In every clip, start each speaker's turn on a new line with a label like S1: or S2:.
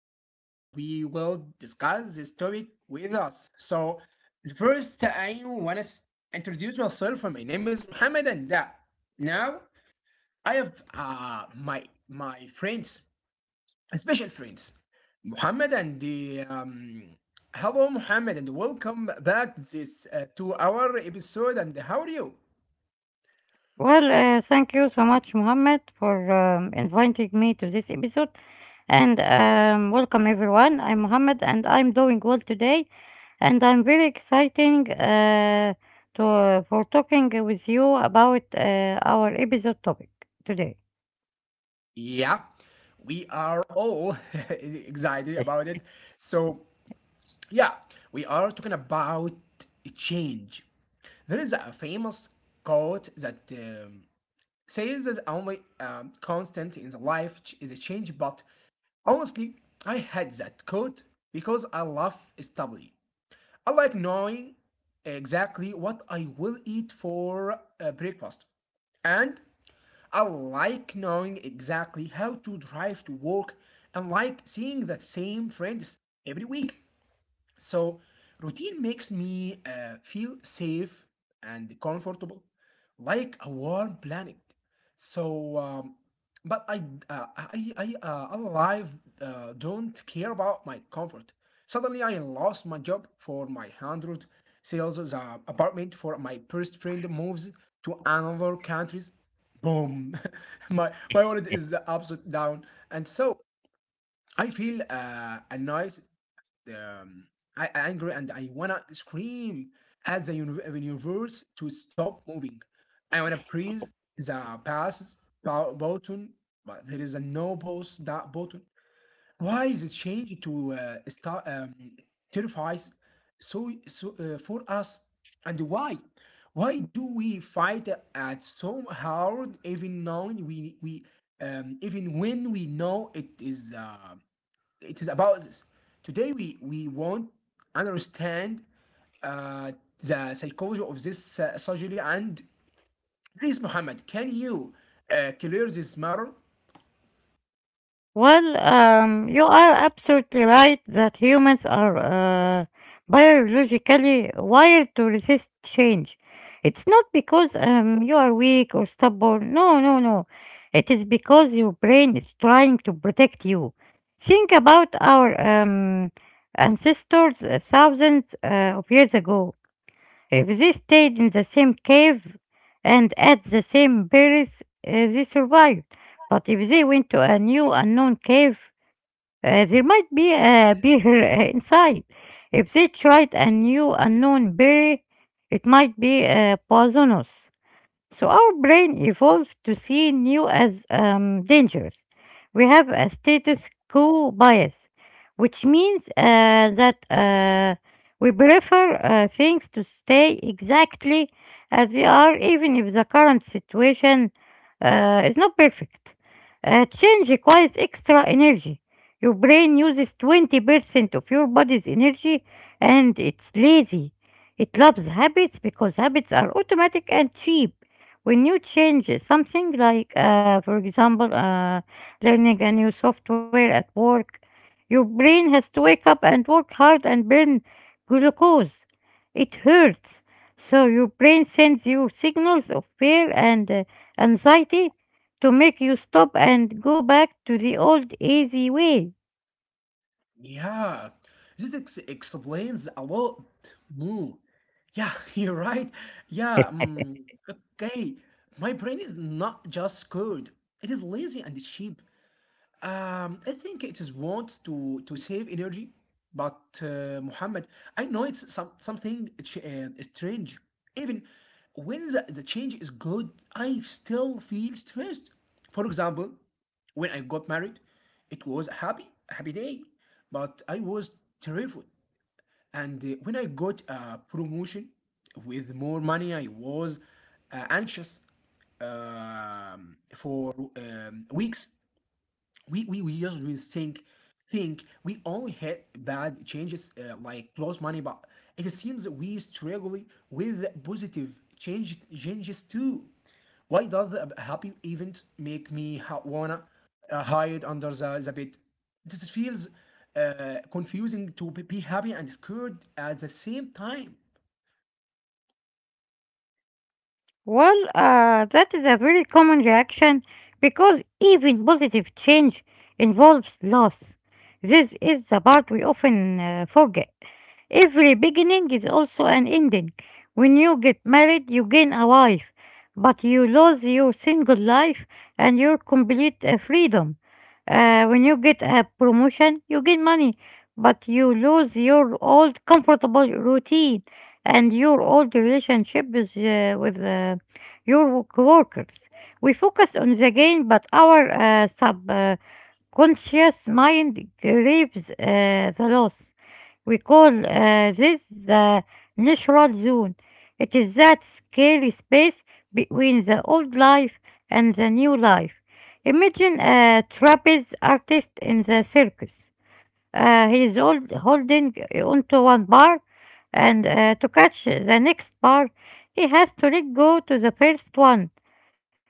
S1: and we will discuss this topic with us. So first, I want to introduce myself. My name is Mohammed, and now I have my friends, special friends, Mohammed and the. Hello, Mohammed, and welcome back this to our episode. And how are you?
S2: Well, thank you so much, Mohammed, for inviting me to this episode. And welcome, everyone. I'm Mohammed, and I'm doing well today. And I'm very exciting to for talking with you about our episode topic today.
S1: Yeah, we are all excited about it. So, yeah, we are talking about change. There is a famous quote that says that only constant in the life is a change, but honestly, I had that quote because I love stability. I like knowing exactly what I will eat for breakfast, and I like knowing exactly how to drive to work, and like seeing the same friends every week. So, routine makes me feel safe and comfortable, like a warm planet. So, but I alive, don't care about my comfort. Suddenly, I lost my job for my hundred sales the apartment for my first friend moves to another countries. Boom, my wallet is upside down, and so I feel annoyed. um, I angry and I wanna scream at the universe to stop moving. I wanna press the button, but there is a no pause that button. Why is it changed to start terrifies so for us? And why? Why do we fight at so hard even knowing we even when we know it is about this. Today we won't understand uh, the psychology of this surgery. And please, Muhammad, can you clear this matter?
S2: Well, you are absolutely right that humans are biologically wired to resist change. It's not because you are weak or stubborn. No, no, no. It is because your brain is trying to protect you. Think about our ancestors thousands of years ago. If they stayed in the same cave and ate the same berries, they survived. But if they went to a new unknown cave, there might be a bear inside. If they tried a new unknown berry, it might be poisonous. So our brain evolved to see new as dangerous. We have a status quo bias, which means that we prefer things to stay exactly as they are, even if the current situation is not perfect. Change requires extra energy. Your brain uses 20% of your body's energy, and it's lazy. It loves habits because habits are automatic and cheap. When you change it, something like, for example, learning a new software at work, your brain has to wake up and work hard and burn glucose. It hurts. So your brain sends you signals of fear and anxiety to make you stop and go back to the old easy way.
S1: Yeah, this explains a lot more. Yeah, you're right. Yeah, okay. My brain is not just scared; it is lazy and cheap. I think it is wants to save energy, but Muhammad, I know it's something strange. Even when the change is good, I still feel stressed. For example, when I got married, it was a happy day, but I was terrified. And when I got a promotion with more money, I was anxious for weeks. We just really think we only had bad changes like close money, but it seems that we struggle with positive changes too. Why does a happy event make me wanna hide under the bed? This feels confusing to be happy and scared at the same time.
S2: Well, that is a very common reaction because even positive change involves loss. This is the part we often forget. Every beginning is also an ending. When you get married, you gain a wife, but you lose your single life and your complete freedom. When you get a promotion, you gain money, but you lose your old comfortable routine and your old relationship with, uh, your coworkers. We focus on the gain, but our subconscious mind craves the loss. We call this the natural zone. It is that scary space between the old life and the new life. Imagine a trapeze artist in the circus. Holding onto one bar, and to catch the next bar, he has to let go to the first one.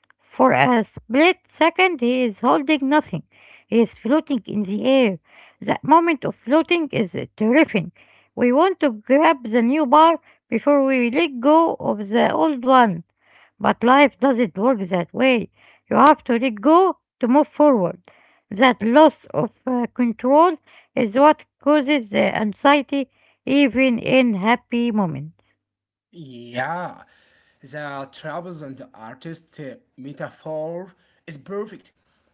S2: For a split second, he is holding nothing. He is floating in the air. That moment of floating is terrifying. We want to grab the new bar before we let go of the old one. But life doesn't work that way. You have to let go to move forward. That loss of control is what causes the anxiety even in happy moments.
S1: Yeah, the travels and the artist metaphor is perfect.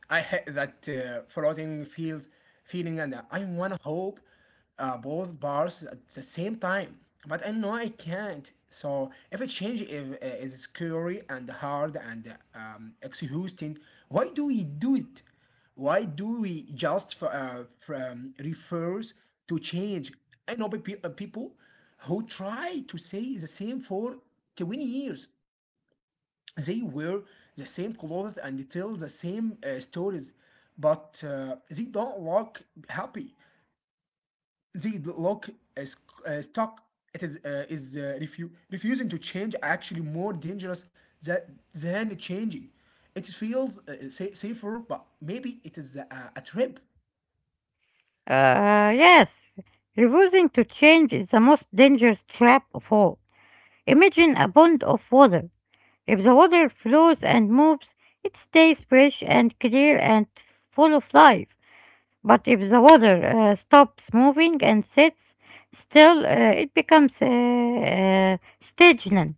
S1: I hate that floating feels feeling, and I wanna hold both bars at the same time, but I know I can't. So if a change is scary and hard and exhausting, why do we do it? Why do we just refers to change? I know people who try to say the same for 20 years. They wear the same clothes, and they tell the same stories, but they don't look happy. They look stuck. It is refusing to change actually more dangerous than, than changing? It feels safer, but maybe it is a trip.
S2: Yes, refusing to change is the most dangerous trap of all. Imagine a pond of water. If the water flows and moves, it stays fresh and clear and full of life. But if the water stops moving and sits still, it becomes stagnant.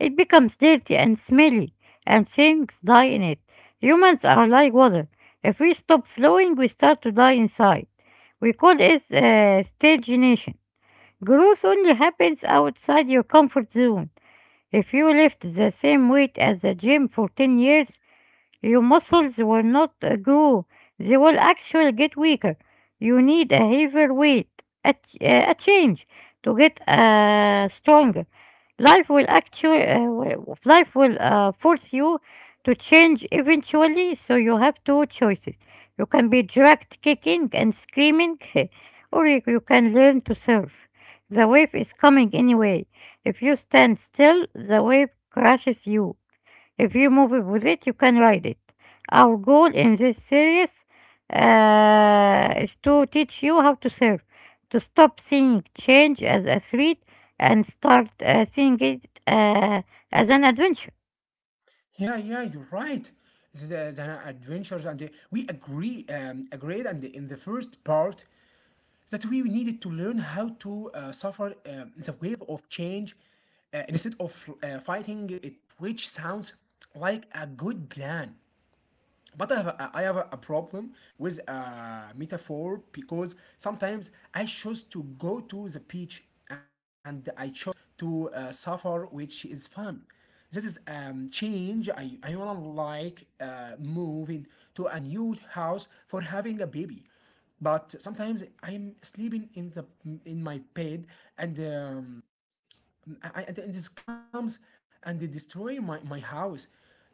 S2: It becomes dirty and smelly, and things die in it. Humans are like water. If we stop flowing, we start to die inside. We call this stagnation. Growth only happens outside your comfort zone. If you lift the same weight as the gym for 10 years, your muscles will not grow, they will actually get weaker. You need a heavier weight, a change to get stronger. Life will force you to change eventually, so you have two choices. You can be dragged kicking and screaming, or you can learn to surf. The wave is coming anyway. If you stand still, the wave crashes you. If you move it with it, you can ride it. Our goal in this series is to teach you how to serve, to stop seeing change as a threat and start seeing it as an adventure.
S1: Yeah, yeah, you're right. The adventures and we agree, agreed, and in the first part, that we needed to learn how to suffer the wave of change instead of fighting it, which sounds like a good plan. But I have a problem with a metaphor, because sometimes I chose to go to the beach, and I chose to suffer, which is fun. This is change. I wanna like moving to a new house for having a baby, but sometimes I am sleeping in the in my bed, and and it just comes and they destroy my house.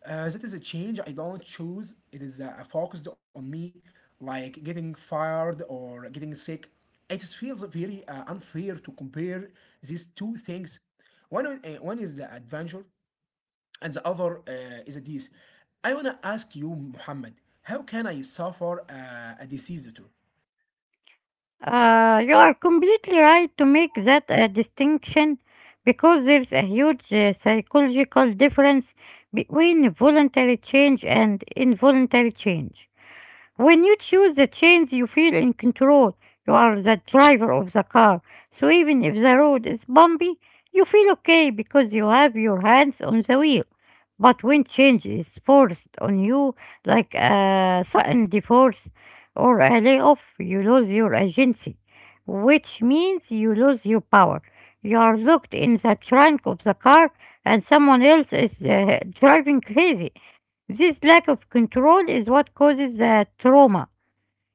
S1: That is a change I don't choose. It is focused on me, like getting fired or getting sick. It just feels very unfair to compare these two things. One is the adventure, and the other is a disease. I wanna ask you, Muhammad, how can I suffer a disease too?
S2: You are completely right to make that distinction because there's a huge psychological difference between voluntary change and involuntary change. When you choose the chains, you feel in control. You are the driver of the car. So even if the road is bumpy, you feel okay because you have your hands on the wheel. But when change is forced on you, like a sudden divorce or a layoff, you lose your agency, which means you lose your power. You are locked in the trunk of the car, and someone else is driving crazy. This lack of control is what causes the trauma.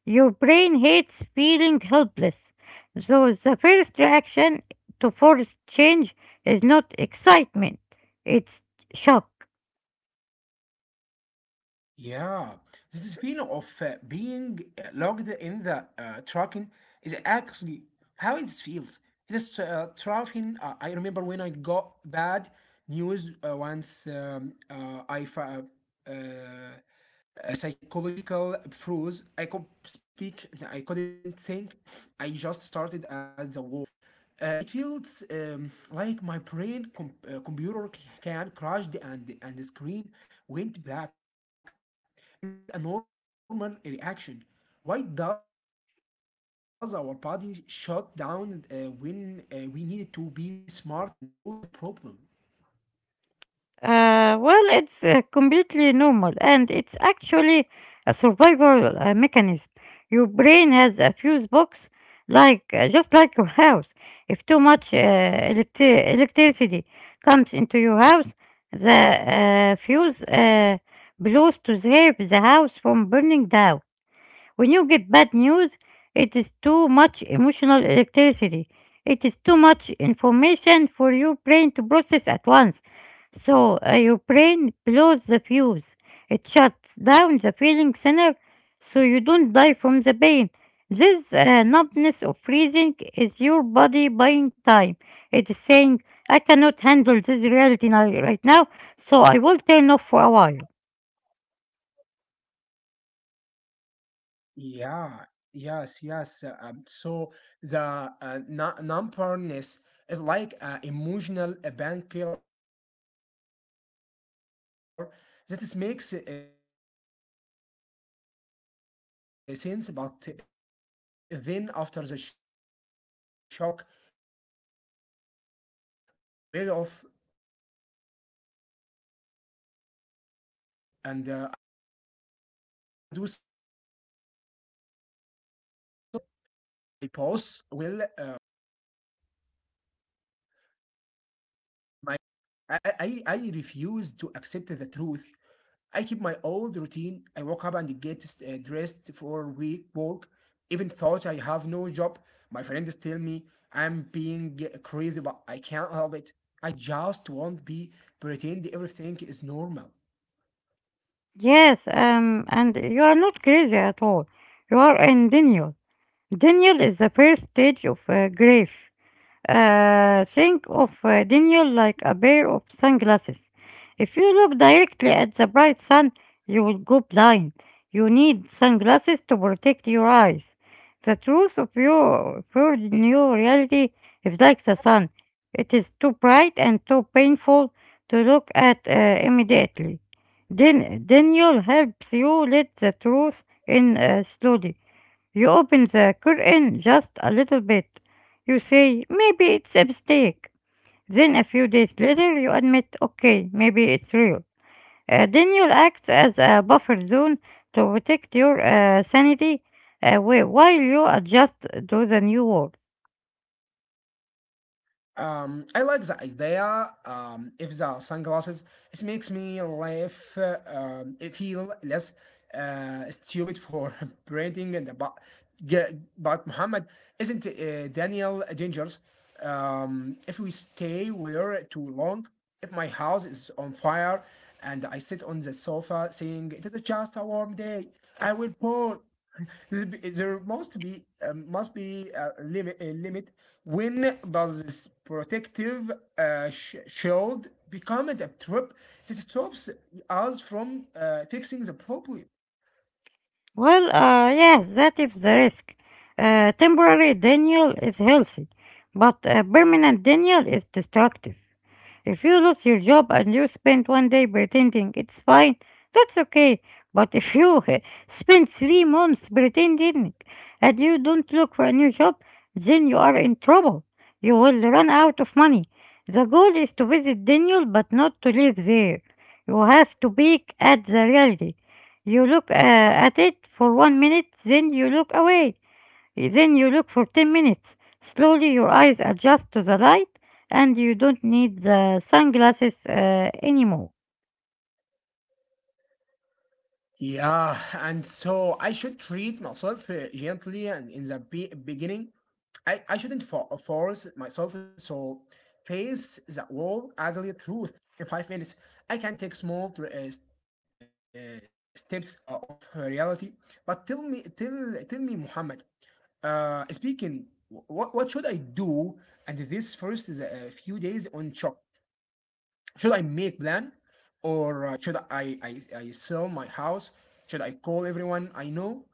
S2: Your brain hates feeling helpless. So the first reaction to force change is not excitement, it's shock.
S1: Yeah, this feeling of being locked in the trucking is actually how it feels. It is traveling. I remember when I got bad news once. I uh, uh, psychological froze. I could speak. I couldn't think. I just started at the wall. It feels like my brain computer can crashed and the screen went black. Is that a normal reaction? Why does our body shut down when we need to be smart and solve the problem? Yep.
S2: Well, it's completely normal, and it's actually a survival mechanism. Your brain has a fuse box, like just like your house. If too much electricity comes into your house, the fuse blows to save the house from burning down. When you get bad news, it is too much emotional electricity. It is too much information for your brain to process at once. So your brain blows the fuse. It shuts down the feeling center so you don't die from the pain. This numbness of freezing is your body buying time. It is saying, I cannot handle this reality now, right now, so I will turn off for a while.
S1: Yeah, yes, yes. So the numbness is like an emotional painkiller that is makes sense, but then after the shock wear off, and I do something else, I start lying to myself. I say this is not happen. It is mistake. My boss will c- my boss will call me back tomorrow and say sorry. I refuse to accept the truth. I keep my old routine. I wake up and get dressed for week work. Even thought I have no job, my friends tell me I'm being crazy, but I can't help it. I just won't be pretend everything is normal.
S2: Yes, and you are not crazy at all. You are in denial. Denial is the first stage of grief. Think of Daniel like a pair of sunglasses. If you look directly at the bright sun, you will go blind. You need sunglasses to protect your eyes. The truth of your new reality is like the sun. It is too bright and too painful to look at immediately. Then Daniel helps you let the truth in slowly. You open the curtain just a little bit. You say, maybe it's a mistake. Then a few days later, you admit, okay, maybe it's real. Then you'll act as a buffer zone to protect your sanity while you adjust to the new world.
S1: I like the idea. If the sunglasses, it makes me laugh. It feel less stupid for branding but Muhammad, isn't Daniel dangerous? If we stay where too long, if my house is on fire, and I sit on the sofa saying it is just a warm day, I will pour. There must be Must be a limit, a limit. When does this protective shield become a trip that stops us from fixing the problem?
S2: Well, yes, that is the risk. Temporary denial is healthy, but permanent denial is destructive. If you lose your job and you spend 1 day pretending it's fine, that's okay. But if you spend 3 months pretending and you don't look for a new job, then you are in trouble. You will run out of money. The goal is to visit Daniel but not to live there. You have to peek at the reality. You look at it for 1 minute, then you look away. Then you look for 10 minutes. Slowly your eyes adjust to the light, and you don't need the sunglasses anymore.
S1: Yeah, and so I should treat myself gently and in the beginning. I shouldn't force myself so face the whole ugly truth in 5 minutes. I can take small steps of reality. But tell me, Muhammad, speaking, what should I do? And this first is a few days on shock, should I make plan, or should I sell my house? Should I call everyone I know?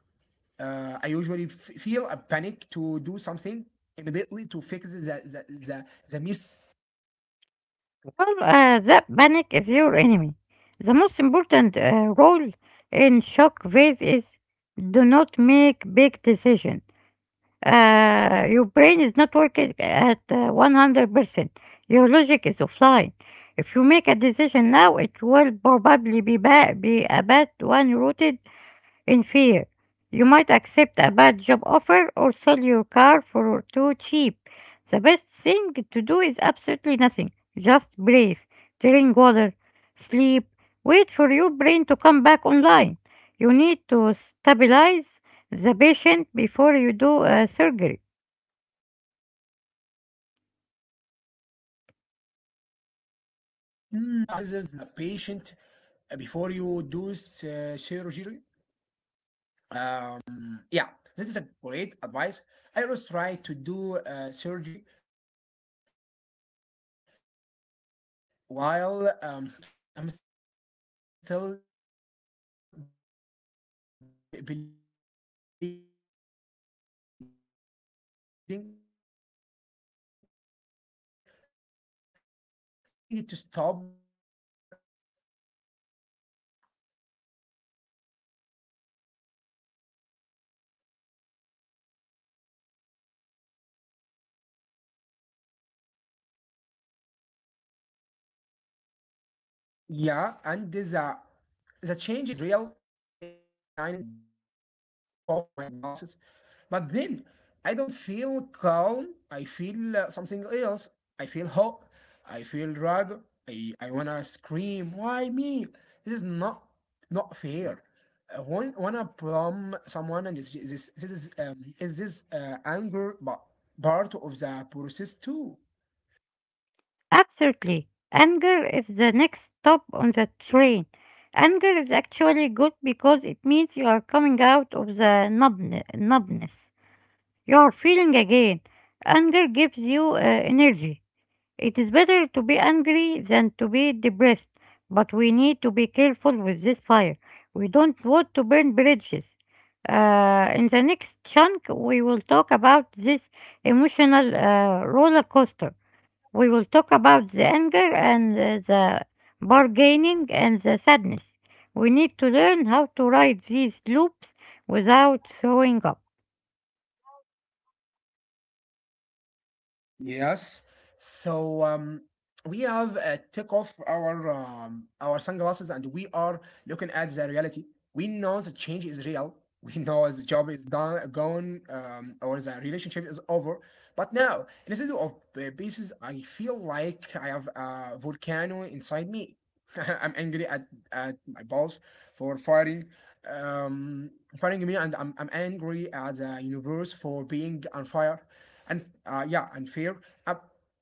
S1: I usually feel a panic to do something immediately to fix the miss.
S2: Well, that panic is your enemy. The most important role in shock phase is, do not make big decisions. Your brain is not working at 100%. Your logic is offline. If you make a decision now, it will probably be, be a bad one rooted in fear. You might accept a bad job offer or sell your car for too cheap. The best thing to do is absolutely nothing. Just breathe, drink water, sleep, wait for your brain to come back online. You need to stabilize the patient before you do surgery.
S1: Hmm. Yeah, stabilize the patient before you do surgery. Yeah, this is a great advice. I always try to do surgery while I'm still bleeding. I needed to stop and just to breathe. Okay, so we survived the shock. We survived the Daniel. We started to accept that. Yeah, and the change is real. The sun is shining, and I took off my glasses, but then I don't feel calm. I feel something else. I feel hope. I feel drug. I wanna scream. Why me? This is not fair. I want wanna blame someone, and this is this anger, but part of the process too.
S2: Absolutely. Anger is the next stop on the train. Anger is actually good because it means you are coming out of the numbne- numbness. You are feeling again. Anger gives you energy. It is better to be angry than to be depressed, but we need to be careful with this fire. We don't want to burn bridges. In the next chunk, we will talk about this emotional roller coaster. We will talk about the anger and the bargaining and the sadness. We need to learn how to ride these loops without throwing up.
S1: Yes. So we have take off our sunglasses, and we are looking at the reality. We know the change is real. We know the job is done, gone, or the relationship is over. But now, instead of pieces, I feel like I have a volcano inside me. I'm angry at my boss for um, firing me, and I'm angry at the universe for being on fire, and yeah, unfair. I,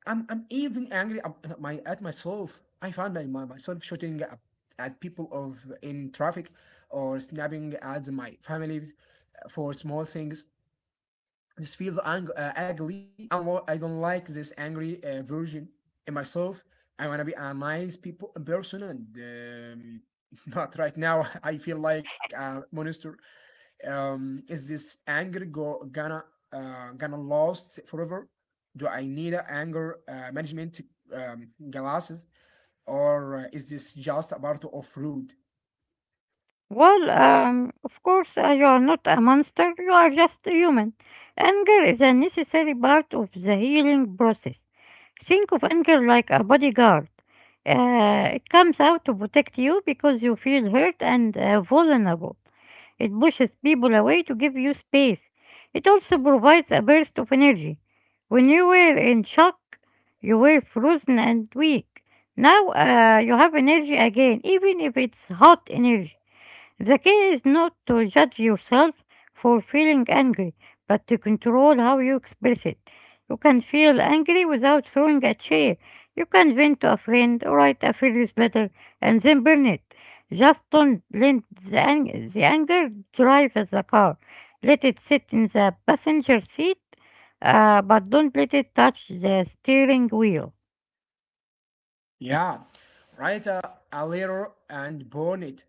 S1: I'm even angry at myself. I found my, my myself shooting at people of in traffic, or snapping at my family for small things. This feels ugly, and I don't like this angry version in myself. I wanna be a nice people person, and not right now. I feel like a monster. Is this anger go, gonna gonna last forever? Do I need a anger management glasses, or is this just a part of rude?
S2: Well, of course, you are not a monster, you are just a human. Anger is a necessary part of the healing process. Think of anger like a bodyguard. It comes out to protect you because you feel hurt and vulnerable. It pushes people away to give you space. It also provides a burst of energy. When you were in shock, you were frozen and weak. Now you have energy again, even if it's hot energy. The key is not to judge yourself for feeling angry, but to control how you express it. You can feel angry without throwing a chair. You can vent to a friend, write a furious letter, and then burn it. Just don't let the anger drive the car. Let it sit in the passenger seat, but don't let it touch the steering wheel.
S1: Yeah, write a letter and burn it.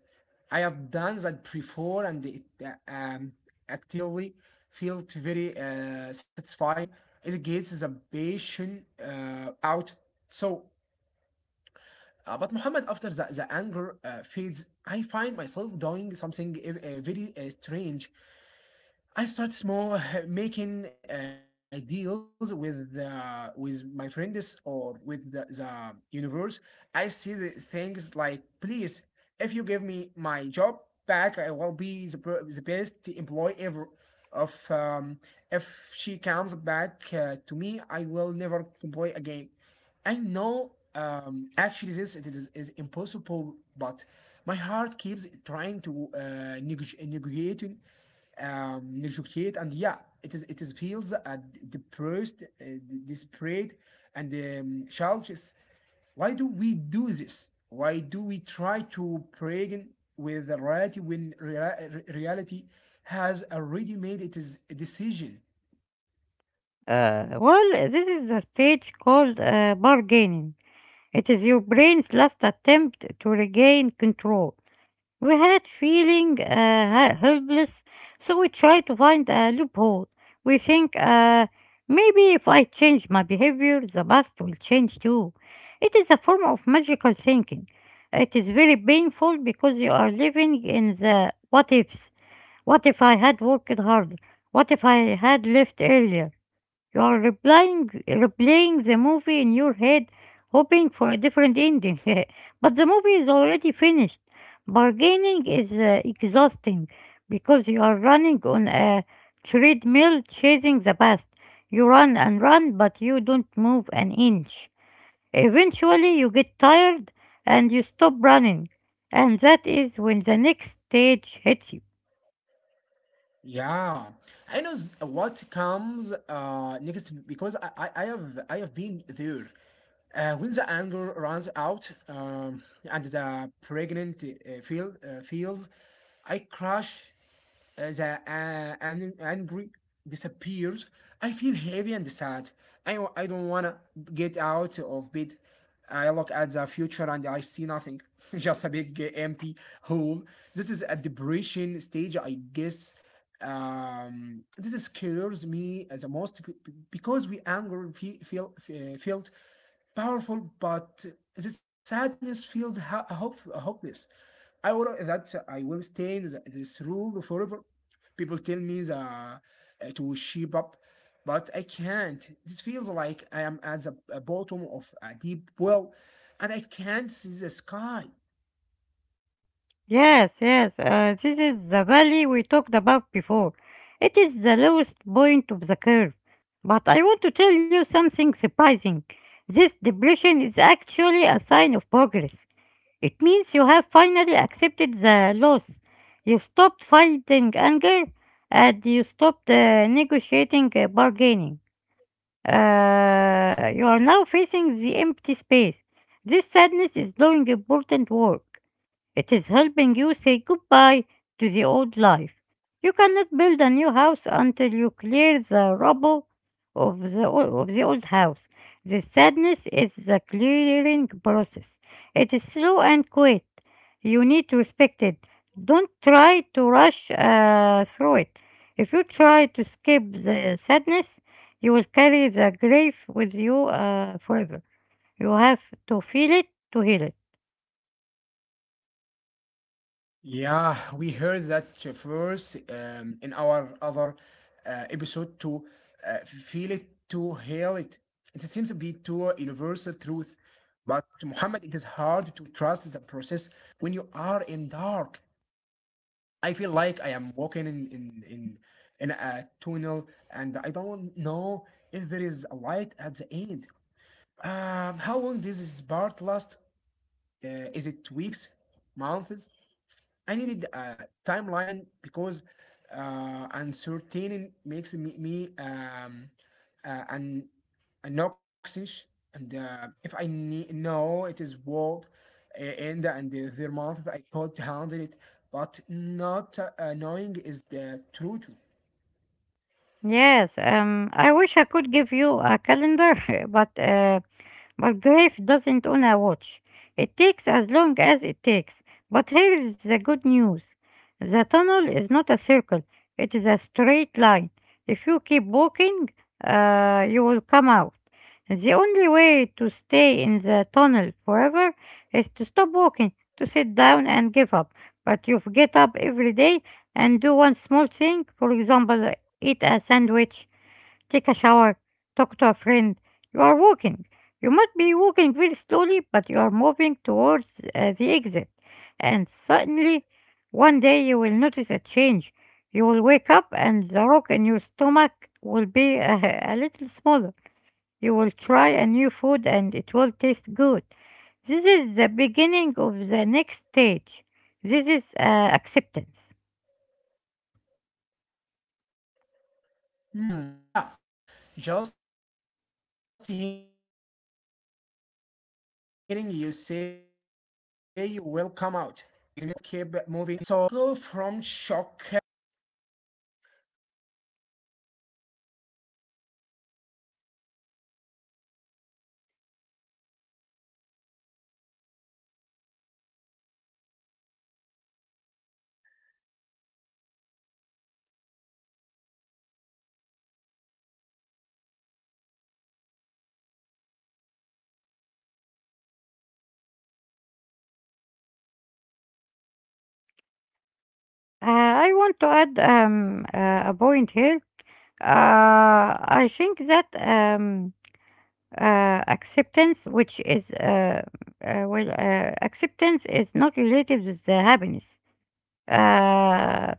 S1: I have done that before, and it actively felt very satisfying. It gets the passion out. So, but Muhammad, after the anger fades, I find myself doing something very strange. I start small, making deals with with my friends, or with the universe. I see the things like, please, if you give me my job back, I will be the best employee ever. Of If she comes back to me, I will never complain again. I know actually this it is impossible, but my heart keeps trying to neg- negotiate negotiate, and yeah, it is feels depressed, desperate, and challenges. Why do we do this? Why do we try to bargain with the reality when reality has already made it is a decision?
S2: Well, this is a stage called bargaining. It is your brain's last attempt to regain control. We had feeling helpless, so we try to find a loophole. We think maybe if I change my behavior, the past will change too. It is a form of magical thinking. It is very painful because you are living in the what ifs. What if I had worked harder? What if I had left earlier? You are replaying the movie in your head, hoping for a different ending. But the movie is already finished. Bargaining is exhausting because you are running on a treadmill chasing the past. You run and run, but you don't move an inch. Eventually, you get tired and you stop running. And that is when the next stage hits you.
S1: Yeah, I know what comes next, because I have been there. When the anger runs out, and the pregnant feels, I crash the angry disappears. I feel heavy and sad. I don't wanna get out of bed. I look at the future and I see nothing, just a big empty hole. This is a depression stage, I guess. This scares me as the most because we anger felt powerful, but this sadness feels hopeless. I will that I will stay in this rule forever. People tell me to shape up, but I can't. This feels like I am at the bottom of a deep well, and I can't see the sky.
S2: Yes, yes. This is the valley we talked about before. It is the lowest point of the curve. But I want to tell you something surprising. This depression is actually a sign of progress. It means you have finally accepted the loss. You stopped fighting anger and you stopped negotiating bargaining. You are now facing the empty space. This sadness is doing important work. It is helping you say goodbye to the old life. You cannot build a new house until you clear the rubble of of the old house. The sadness is the clearing process. It is slow and quiet. You need to respect it. Don't try to rush through it. If you try to skip the sadness, you will carry the grief with you forever. You have to feel it to heal it.
S1: Yeah, we heard that first in our other episode to feel it to heal it. It seems to be to universal truth, but Muhammad, it is hard to trust the process when you are in dark. I feel like I am walking in a tunnel, and I don't know if there is a light at the end. How long does this part last? Is it weeks, months? I needed a timeline, because uncertain makes me, me an anxious, and if I know it is world end and their month, I could handle it, but not knowing is the truth.
S2: Yes, I wish I could give you a calendar, but uh, But grief doesn't own a watch. It takes as long as it takes. But here's the good news: the tunnel is not a circle, it is a straight line. If you keep walking, you will come out. The only way to stay in the tunnel forever is to stop walking, to sit down and give up. But you get up every day and do one small thing, for example, eat a sandwich, take a shower, talk to a friend. You are walking. You might be walking very slowly, but you are moving towards the exit. And suddenly, one day you will notice a change. You will wake up and the rock in your stomach will be a little smaller. You will try a new food and it will taste good. This is the beginning of the next stage. This is acceptance.
S1: Hmm, yeah, just hearing you say you will come out gives me a little bit of hope. I just have to keep moving my feet. So we go from shock
S2: I want to add a point here. I think that acceptance, which is well, Acceptance is not related with the happiness. Uh,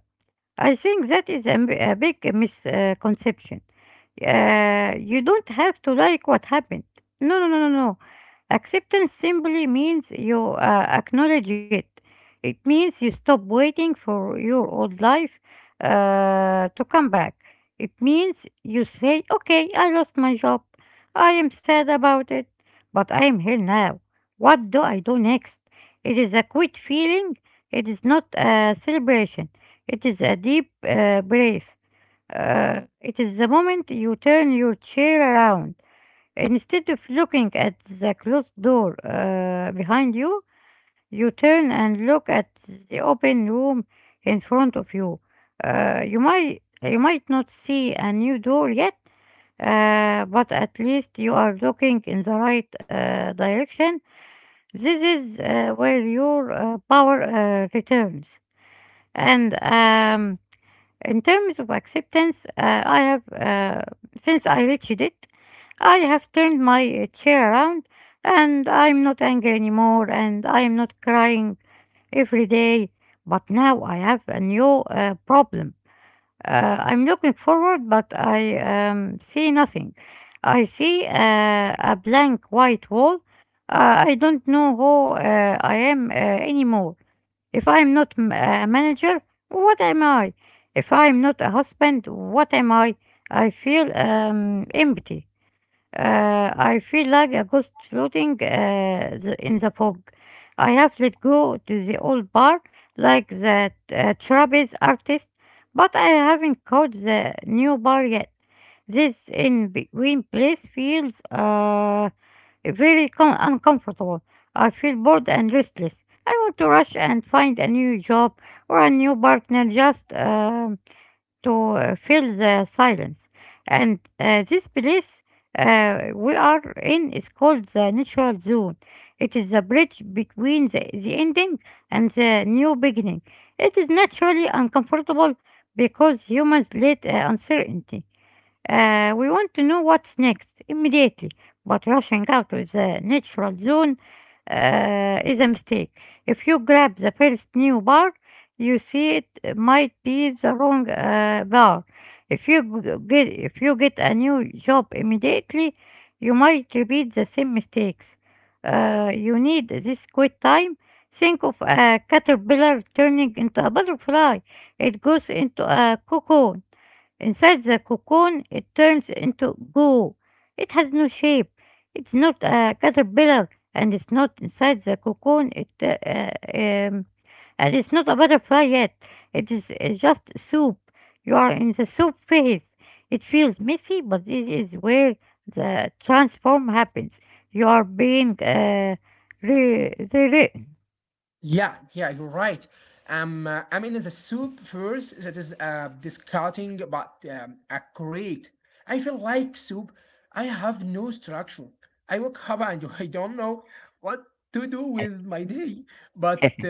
S2: I think that is a big misconception. You don't have to like what happened. No, no, no, no, no. Acceptance simply means you acknowledge it. It means you stop waiting for your old life to come back. It means you say, okay, I lost my job. I am sad about it, but I am here now. What do I do next? It is a quit feeling. It is not a celebration. It is a deep breath. It is the moment you turn your chair around. Instead of looking at the closed door behind you, you turn and look at the open room in front of you. You might not see a new door yet, but at least you are looking in the right direction. This is where your power returns. And in terms of acceptance, since I reached it, I have turned my chair around and I'm not angry anymore and I am not crying every day. But now I have a new problem. I'm looking forward, but I see nothing. I see a blank white wall. I don't know who I am anymore. If I'm not m- a manager, what am I? If I'm not a husband, what am I? I feel empty. I feel like a ghost floating in the fog. I have let go to the old bar, like that trapeze artist, but I haven't caught the new bar yet. This in between place feels uncomfortable. I feel bored and restless. I want to rush and find a new job or a new partner just to fill the silence. And this place we are in is called the natural zone. It is the bridge between the ending and the new beginning. It is naturally uncomfortable because humans hate uncertainty. We want to know what's next immediately, but rushing out of the natural zone is a mistake. If you grab the first new bar you see, it might be the wrong bar. If you get a new job immediately, you might repeat the same mistakes. You need this quick time. Think of a caterpillar turning into a butterfly. It goes into a cocoon. Inside the cocoon, it turns into goo. It has no shape. It's not a caterpillar, and it's not inside the cocoon. It um, and it's not a butterfly yet. It is just soup. You are in the soup phase. It feels messy, but this is where the transform happens. You are being rewritten.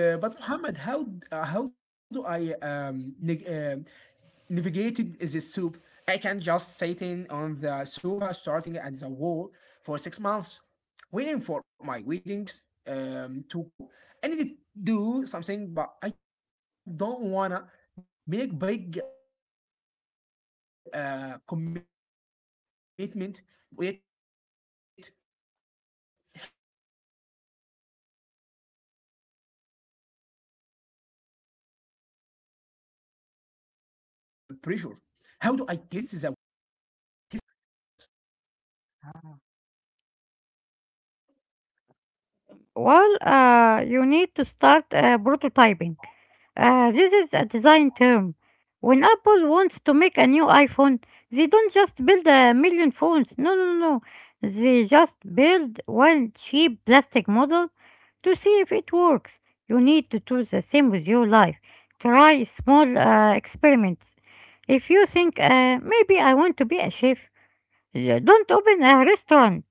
S2: Well, you need to start prototyping. This is a design term. When Apple wants to make a new iPhone, they don't just build a million phones. No, no, no, no. They just build one cheap plastic model to see if it works. You need to do the same with your life. Try small experiments. If you think, maybe I want to be a chef, yeah, don't open a restaurant.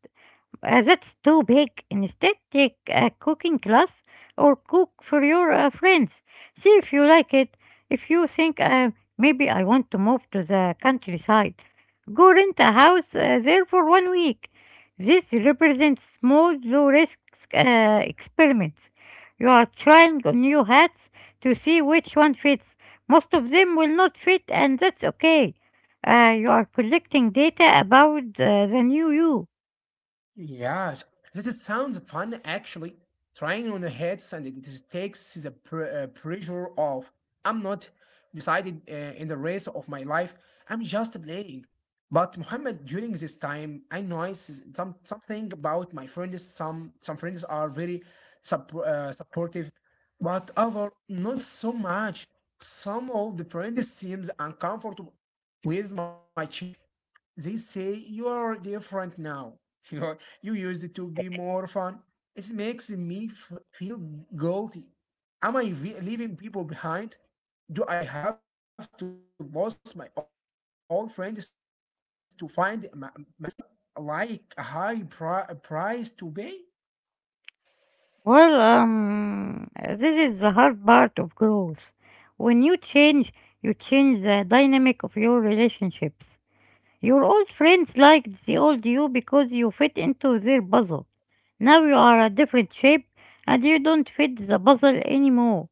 S2: That's too big. Instead, take a cooking class or cook for your friends. See if you like it. If you think maybe I want to move to the countryside, go rent a house there for 1 week. This represents small, low risk experiments. You are trying on new hats to see which one fits. Most of them will not fit, and that's okay. You are collecting data about the new you. Well, this is the hard part of growth. When you change the dynamic of your relationships. Your old friends liked the old you because you fit into their puzzle. Now you are a different shape and you don't fit the puzzle anymore.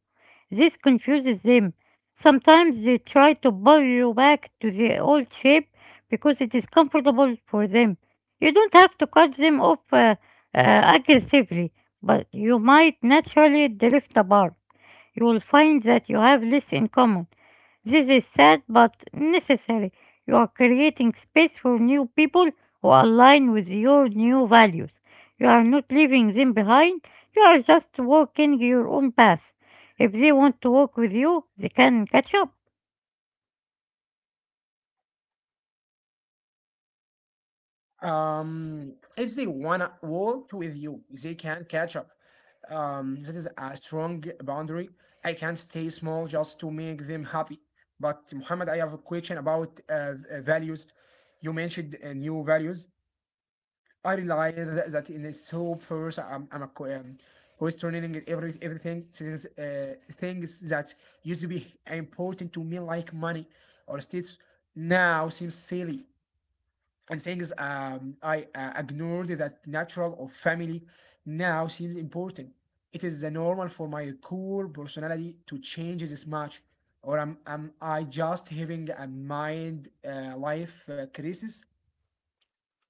S2: This confuses them. Sometimes they try to pull you back to the old shape because it is comfortable for them. You don't have to cut them off aggressively, but you might naturally drift apart. You will find that you have less in common. This is sad but necessary. You are creating space for new people who align with your new values. You are not leaving them behind, you are just walking your own path. If they want to walk with you, they can catch up.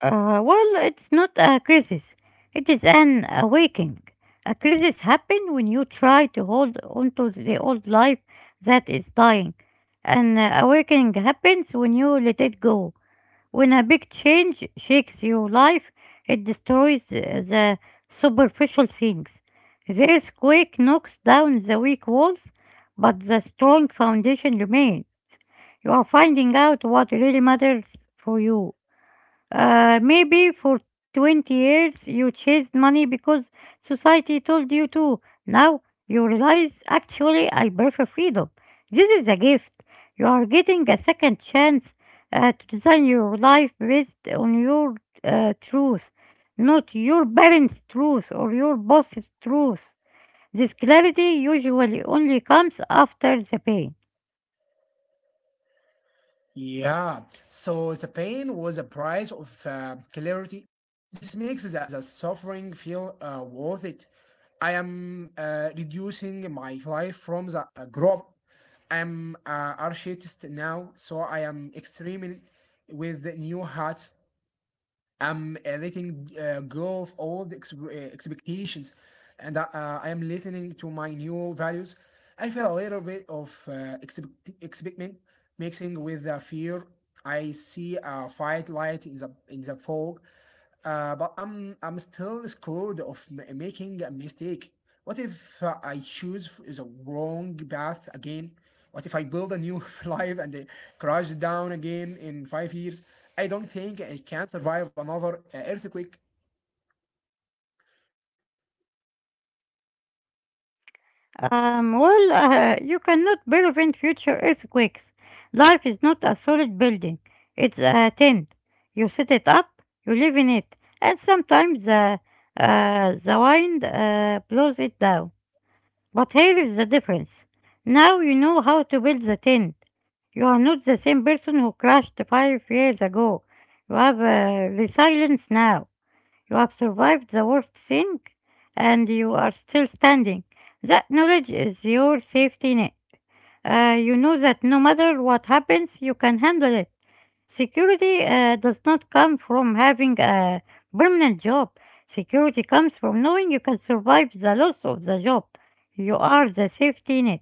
S2: Well, it's not a crisis, it is an awakening. A crisis happens when you try to hold onto the old life that is dying. An awakening happens when you let it go. When a big change shakes your life, it destroys the superficial things. The earthquake knocks down the weak walls, but the strong foundation remains. You are finding out what really matters for you. Maybe for 20 years you chased money because society told you to. Now you realize, actually I prefer freedom. This is a gift. You are getting a second chance to design your life based on your truth, not your parents' truth or your boss's truth. This clarity usually only comes after the pain. Well, you cannot prevent future earthquakes. Life is not a solid building, it's a tent. You set it up, you live in it, and sometimes the wind blows it down. But here is the difference. Now you know how to build the tent. You are not the same person who crashed 5 years ago. You have resilience now. You have survived the worst thing and you are still standing. That knowledge is your safety net. You know that no matter what happens, you can handle it. Security does not come from having a permanent job. Security comes from knowing you can survive the loss of the job. You are the safety net.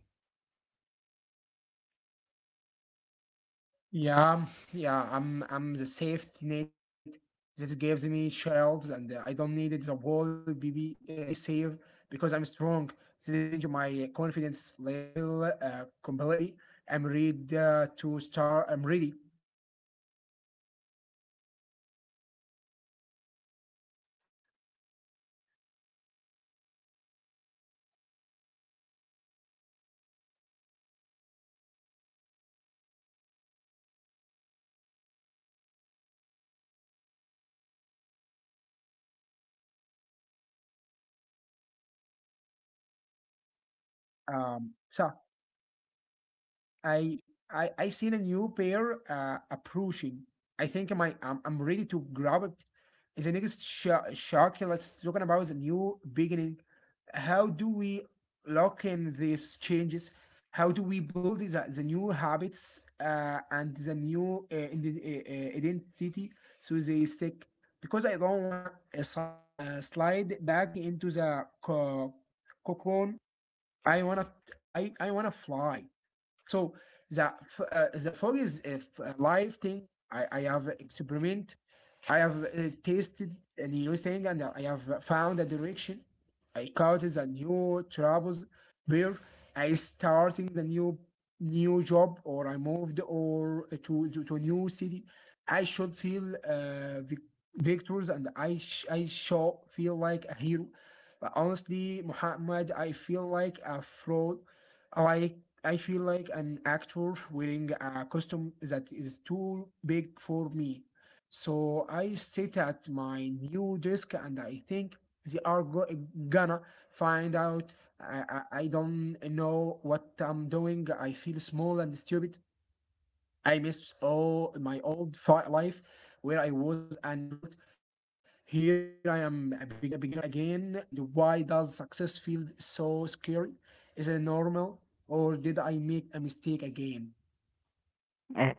S2: Uh,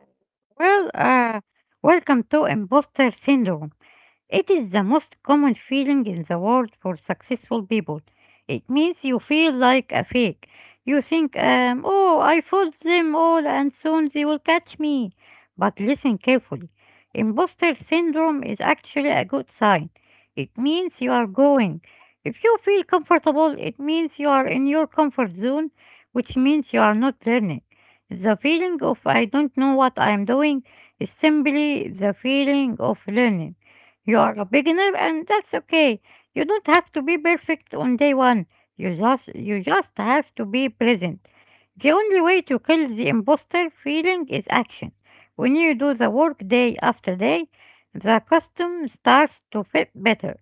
S2: well, welcome to imposter syndrome. It is the most common feeling in the world for successful people. It means you feel like a fake. You think, oh, I fooled them all and soon they will catch me. But listen carefully. Imposter syndrome is actually a good sign. It means you are going. If you feel comfortable, it means you are in your comfort zone, which means you are not learning. The feeling of I don't know what I am doing is simply the feeling of learning. You are a beginner and that's okay. You don't have to be perfect on day one. You just have to be present. The only way to kill the imposter feeling is action. When you do the work day after day, the custom starts to fit better.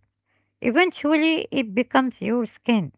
S2: Eventually it becomes your skin.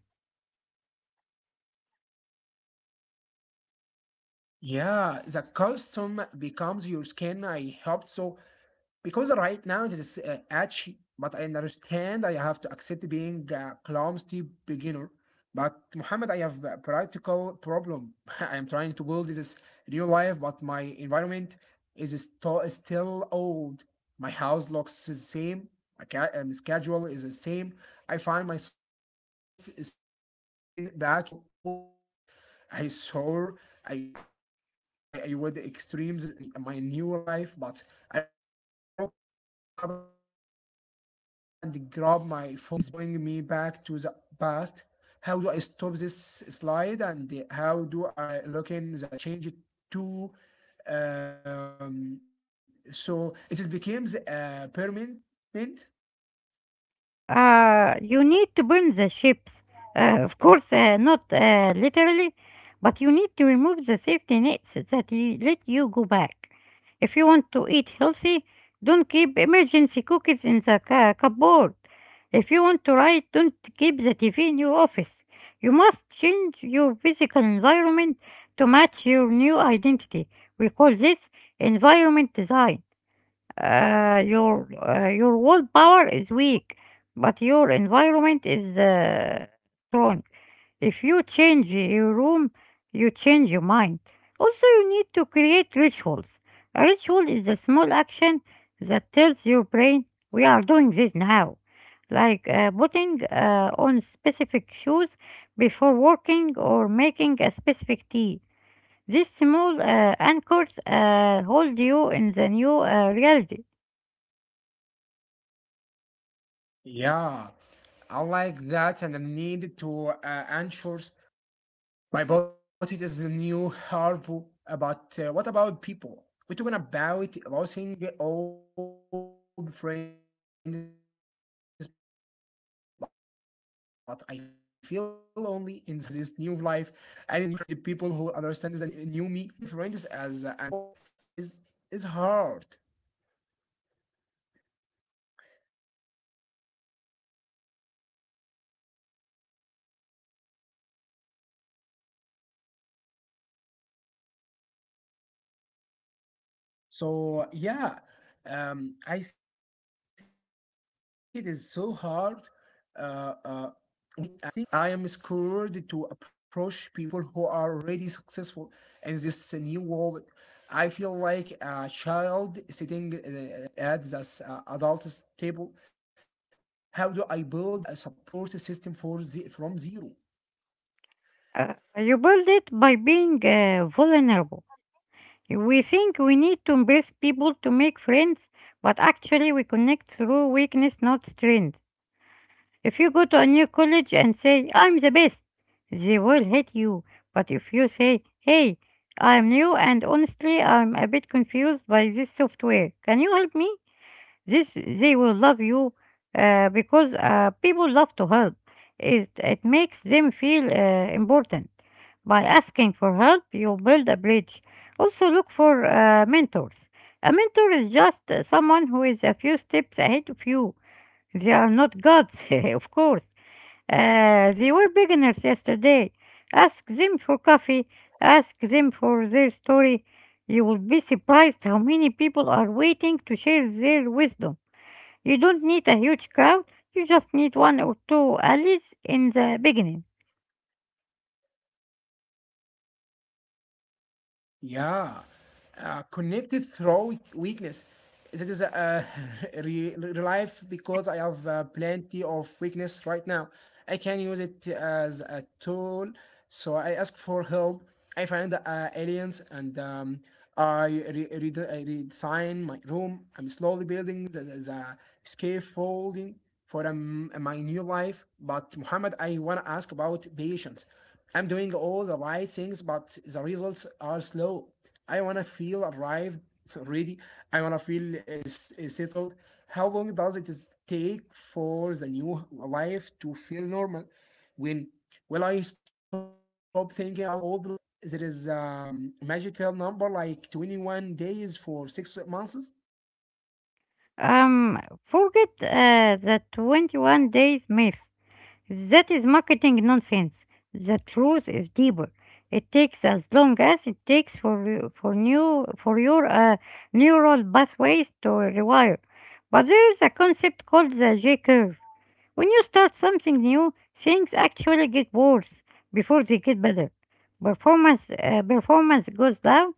S2: You need to burn the ships. Of course, not literally, but you need to remove the safety nets that let you go back. If you want to eat healthy, don't keep emergency cookies in the cupboard. If you want to write, don't keep the TV in your office. You must change your physical environment to match your new identity. We call this environment design. Your willpower is weak, but your environment is strong. If you change your room, you change your mind. Also, you need to create rituals. A ritual is a small action that tells your brain we are doing this now, like putting on specific shoes before working or making a specific tea. These small anchors hold you in the new reality. You build it by being vulnerable. We think we need to embrace people to make friends, but actually we connect through weakness, not strength. If you go to a new college and say, I'm the best, they will hate you. But if you say, hey, I'm new and honestly I'm a bit confused by this software, can you help me? This they will love you because people love to help. It makes them feel important. By asking for help, you build a bridge. Also, look for mentors. A mentor is just someone who is a few steps ahead of you. They are not gods, of course. They were beginners yesterday. Ask them for coffee. Ask them for their story. You will be surprised how many people are waiting to share their wisdom. You don't need a huge crowd, you just need one or two alleys in the beginning. Forget the 21 days myth. If That is marketing nonsense. The truth is deeper. It takes as long as it takes for your neural pathways to rewire. But there is a concept called the J curve. When you start something new, things actually get worse before they get better. Performance goes down,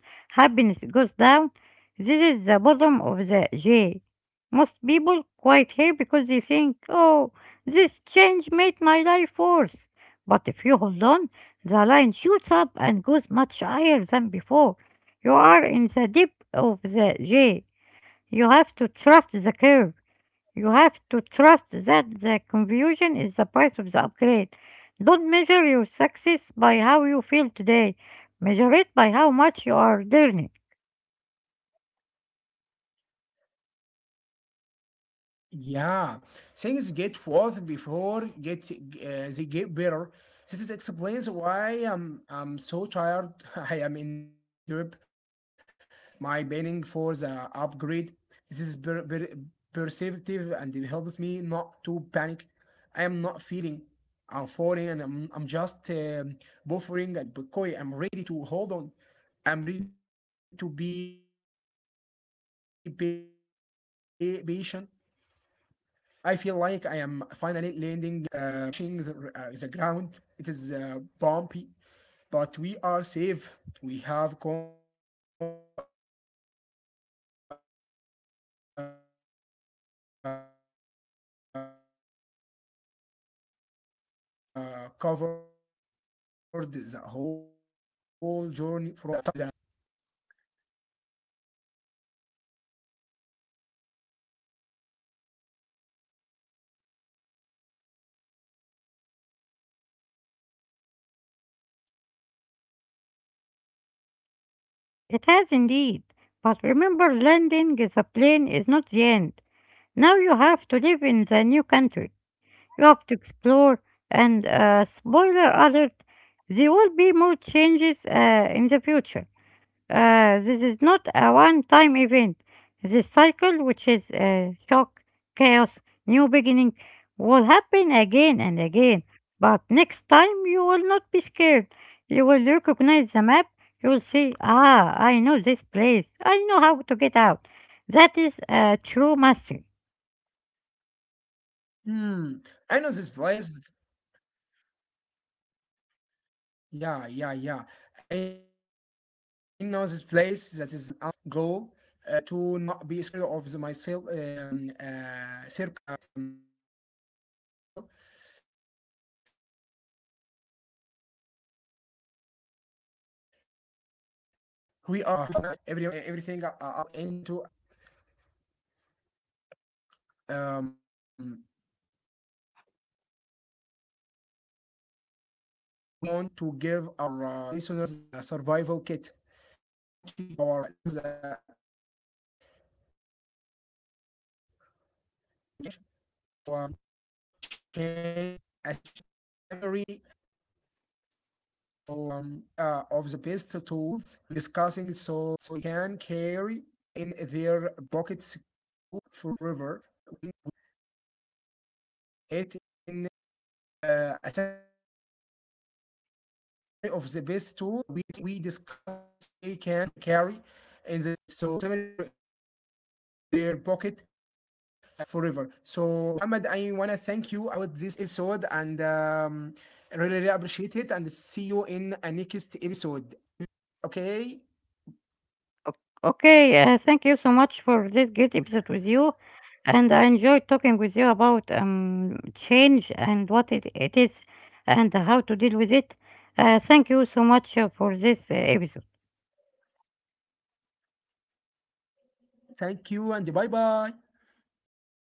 S2: happiness goes down. This is the bottom of the J. Most people quite here because they think, oh, this change made my life worse. But if you hold on, the line shoots up and goes much higher than before. You are in the dip of the J. You have to trust the curve. You have to trust that the confusion is the price of the upgrade. Don't measure your success by how you feel today. Measure it by how much you are learning. It has indeed. But remember, landing the plane is not the end. Now you have to live in the new country. Love to explore, and spoiler alert, there will be more changes in the future. This is not a one time event. This cycle, which is shock, chaos, new beginning, will happen again and again. But next time, you will not be scared. You will recognize the map. You will see, ah, I know this place. I know how to get out. That is true mastery. Okay, thank you so much for this great episode with you. And I enjoyed talking with you about change and what it is and how to deal with it. Thank you so much for this episode. Bye bye.